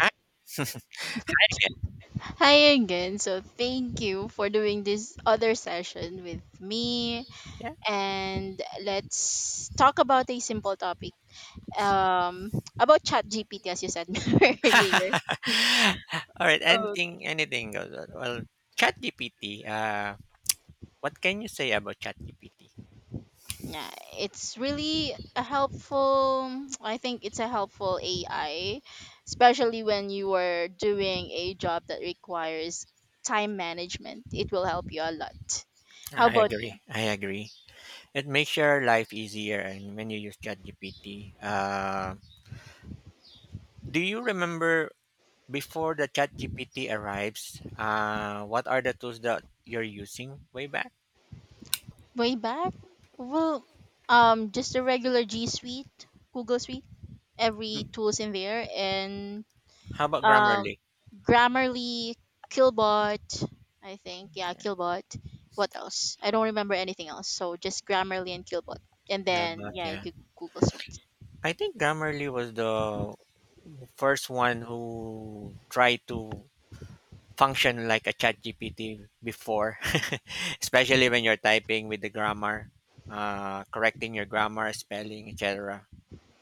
I get, Hi again. So thank you for doing this other session with me. yeah. And let's talk about a simple topic. Um about chat GPT as you said earlier. All right, Okay. anything goes. Well, ChatGPT, uh, what can you say about ChatGPT? Yeah, it's really a helpful I think it's a helpful AI, especially when you are doing a job that requires time management. It will help you a lot. How I about agree. you? I agree. It makes your life easier and when you use ChatGPT. Uh, do you remember before the ChatGPT arrives, uh, what are the tools that you're using way back? Way back? Well, just a regular G Suite, Google Suite, every Do- tools in there, and How about um, Grammarly? Grammarly, Killbot, I think. Yeah, Yeah. Killbot. What else? I don't remember anything else. So just Grammarly and Killbot, and then About, yeah, yeah. Google Suite. I think Grammarly was the first one who tried to function like a ChatGPT before, especially when you're typing with the grammar, correcting your grammar, spelling, etc.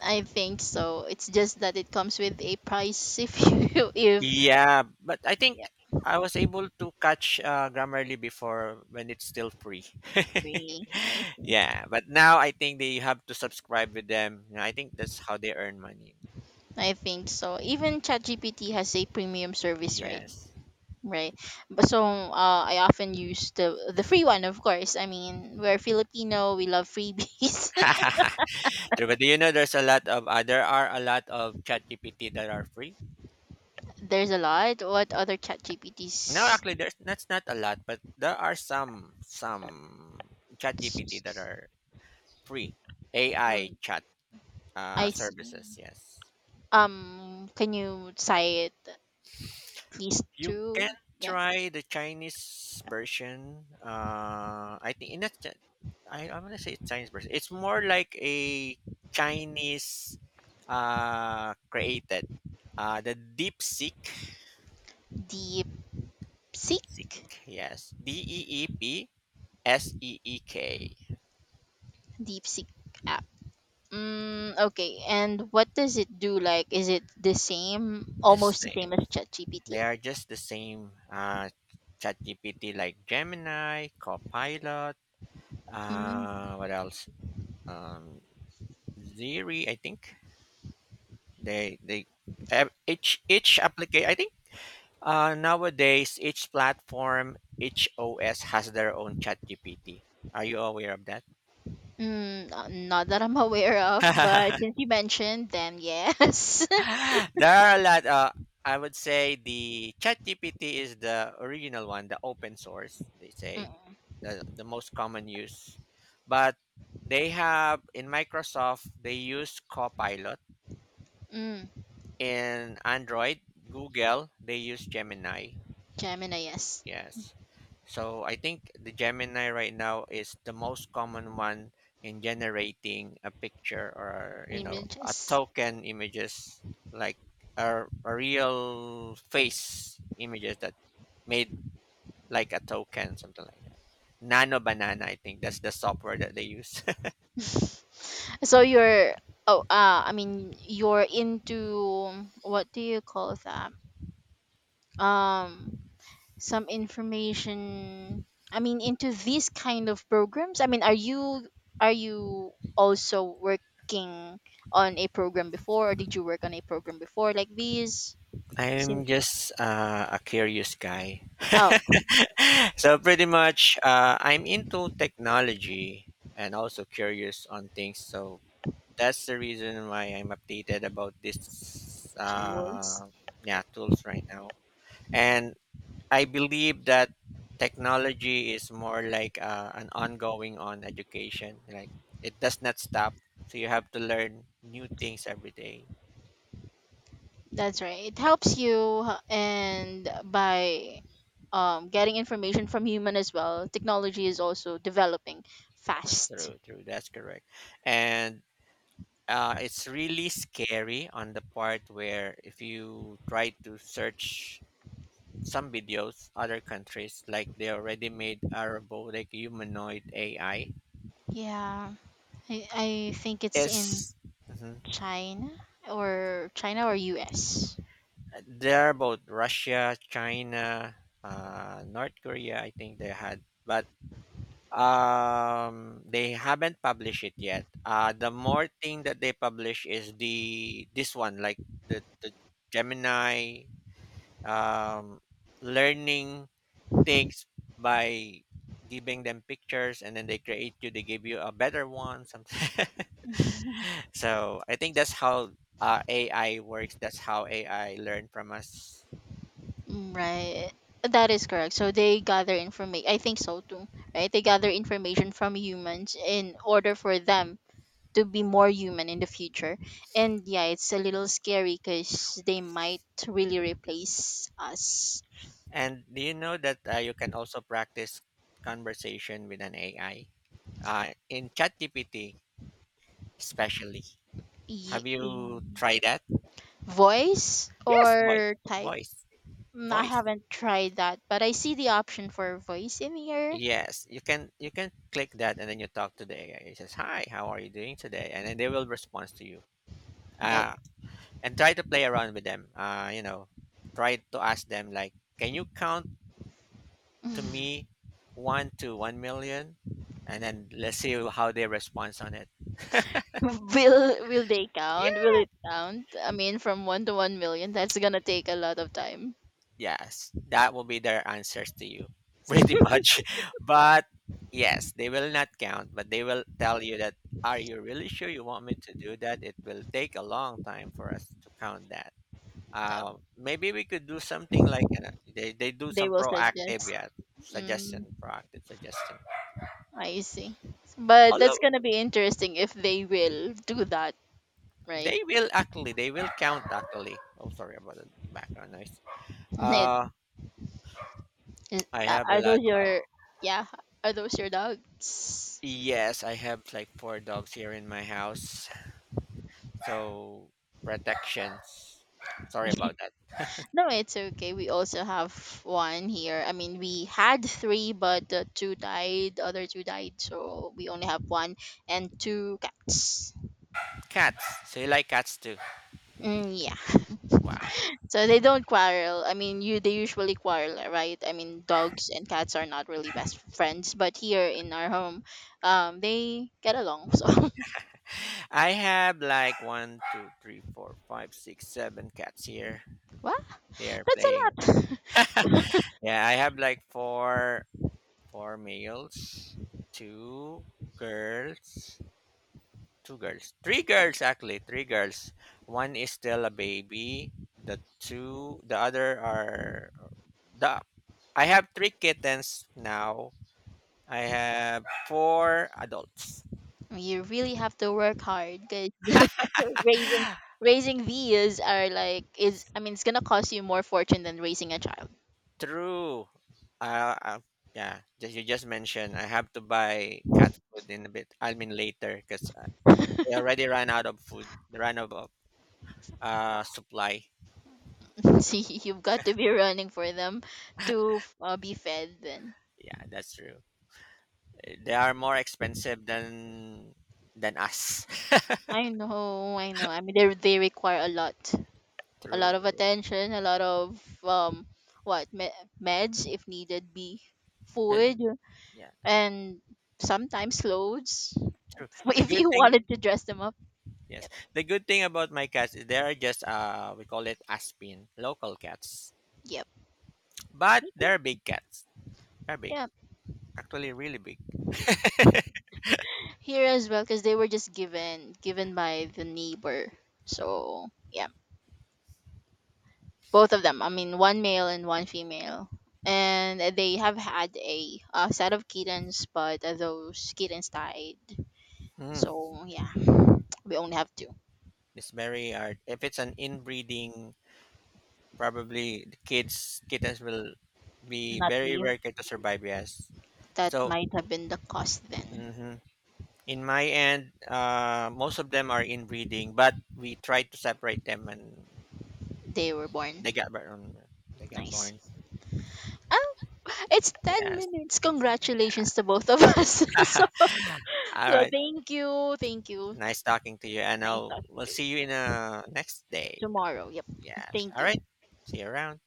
I think so. It's just that it comes with a price if you if Yeah, but I yeah think I was able to catch Grammarly before when it's still free. free. Yeah, but now I think they have to subscribe with them. You know, I think that's how they earn money. I think so. Even ChatGPT has a premium service, right? Yes. Right. But so I often use the free one, of course. I mean, we're Filipino, we love freebies. True, but do you know there's a lot of there are a lot of ChatGPT that are free? There's a lot. What other chat No, GPTs? actually, there's that's not a lot, but there are some chat GPT that are free, AI Mm, chat I see. services. Yes, Can you cite at least you can two? Yeah. try the Chinese version. I think in that, I'm gonna say it's Chinese version. It's more like a Chinese created. The DeepSeek. DeepSeek? Seek, yes, DEEPSEEK. DeepSeek app. Mm, okay. And what does it do? Like, is it the same, The almost the same same. as ChatGPT? They are just the same. ChatGPT like Gemini, Copilot. Hmm. What else? Um, Siri, I think they each application. I think nowadays each platform, each OS has their own ChatGPT. Are you aware of that? Mm, not that I'm aware of, but since you mentioned them, yes. There are a lot. I would say the ChatGPT is the original one, the open source. They mm, say the most common use, but they have, in Microsoft they use Copilot, mm, in Android, Google they use Gemini. Gemini, yes. Yes. So I think the Gemini right now is the most common one in generating a picture or you know a Images. token images like a real face images that made like a token, something like that. Nano Banana, I think that's the software that they use. so you're, oh, I mean, you're into, what do you call that? Um, some information, I mean, into these kind of programs. I mean, are you also working on a program before, or did you work on a program before like these? I'm Sin- just a curious guy. Oh, So pretty much, I'm into technology and also curious on things. So that's the reason why I'm updated about this, tools. Yeah, tools right now. And I believe that technology is more like an ongoing on education. Like it does not stop. So you have to learn new things every day. That's right. It helps you and by getting information from human as well. Technology is also developing fast. True, true. That's correct. And it's really scary on the part where if you try to search some videos, other countries like they already made a robotic humanoid AI. Yeah, I think it's in It's mhm. China China or US. They're both Russia, China, North Korea. I think they had, but they haven't published it yet. The more thing that they publish is the this one, like the Gemini um, learning things by giving them pictures and then they create you they give you a better one something. So I think that's how AI works, that's how AI learn from us. Mm, right. That is correct. So they gather information. I think so too. Right? They gather information from humans in order for them to be more human in the future. And yeah, it's a little scary because they might really replace us. And do you know that you can also practice conversation with an AI in ChatGPT, especially, have Yeah. you tried that? Voice Yes, voice, or type? voice, Mm, I voice. haven't tried that, but I see the option for voice in here. Yes, you can, you can click that and then you talk to the AI, it says hi, how are you doing today, and then they will respond to you. That Uh, and try to play around with them. You know, try to ask them like, can you count to me 1 to 1 million, and then let's see how they respond on it. Will they count? Will Yeah. it count? I mean, from 1 to 1 million, that's gonna take a lot of time. Yes, that will be their answers to you, pretty much. But yes, they will not count, but they will tell you that. Are you really sure you want me to do that? It will take a long time for us to count that. Um, Maybe we could do something like they do They some will proactive, suggest. yeah, Mm, suggestion, proactive suggestion. I see, but that's Although gonna be interesting if they will do that, right? they will actually, they will count actually. Oh, sorry about the background noise. It, Uh, I have a are those lot of, your yeah? Are those your dogs? yes, I have like four dogs here in my house, so protections. Sorry about that. No, it's okay. We also have one here. I mean, we had three, but two died. The other two died, so we only have one and two cats. Cats. So you like cats too? Mm, yeah. Wow. So they don't quarrel. I mean, you they usually quarrel, right? I mean, dogs and cats are not really best friends, but here in our home, they get along. So, I have like one, two, three, four, five, six, seven cats here. what? They are That's playing. a lot. Yeah, I have like four, four males, two girls. Two girls. Three girls actually, three girls. One is still a baby. The two the other are the I have three kittens now. I have four adults. You really have to work hard because raising raising these are like is I mean it's gonna cost you more fortune than raising a child. True. Uh, uh, yeah, just you just mentioned I have to buy cat food in a bit. I mean later because they already ran out of food. They ran out of uh, supply. See, you've got to be running for them to be fed. Then Yeah, that's true. They are more expensive than us. I know, I know. I mean they require a lot True, of true. attention, a lot of what me- meds if needed be, But, food yeah, and sometimes clothes true. The if good you thing, wanted to dress them up. yes, Yep. the good thing about my cats is they are just we call it Aspin, local cats, Yep. but Me too. they're big cats. They're big, Yeah. actually, really big. Here as well because they were just given by the neighbor, so yeah, both of them. I mean, one male and one female, and they have had a set of kittens, but those kittens died, Mm. so yeah. We only have two. It's very hard. If it's an inbreeding, probably the kids kittens will be Not very leave, rare kid to survive. Yes, that so. might have been the cause then. Hmm. In my end, most of them are inbreeding, but we try to separate them, and They were born they got born. They got nice. born. Oh, it's 10 Yeah. minutes. Congratulations to both of us. So, All so right. thank you, thank you. Nice talking to you, and Nice I'll talking we'll to you see you in a next day. tomorrow. Yep, Yes. thank All right. you. See you around.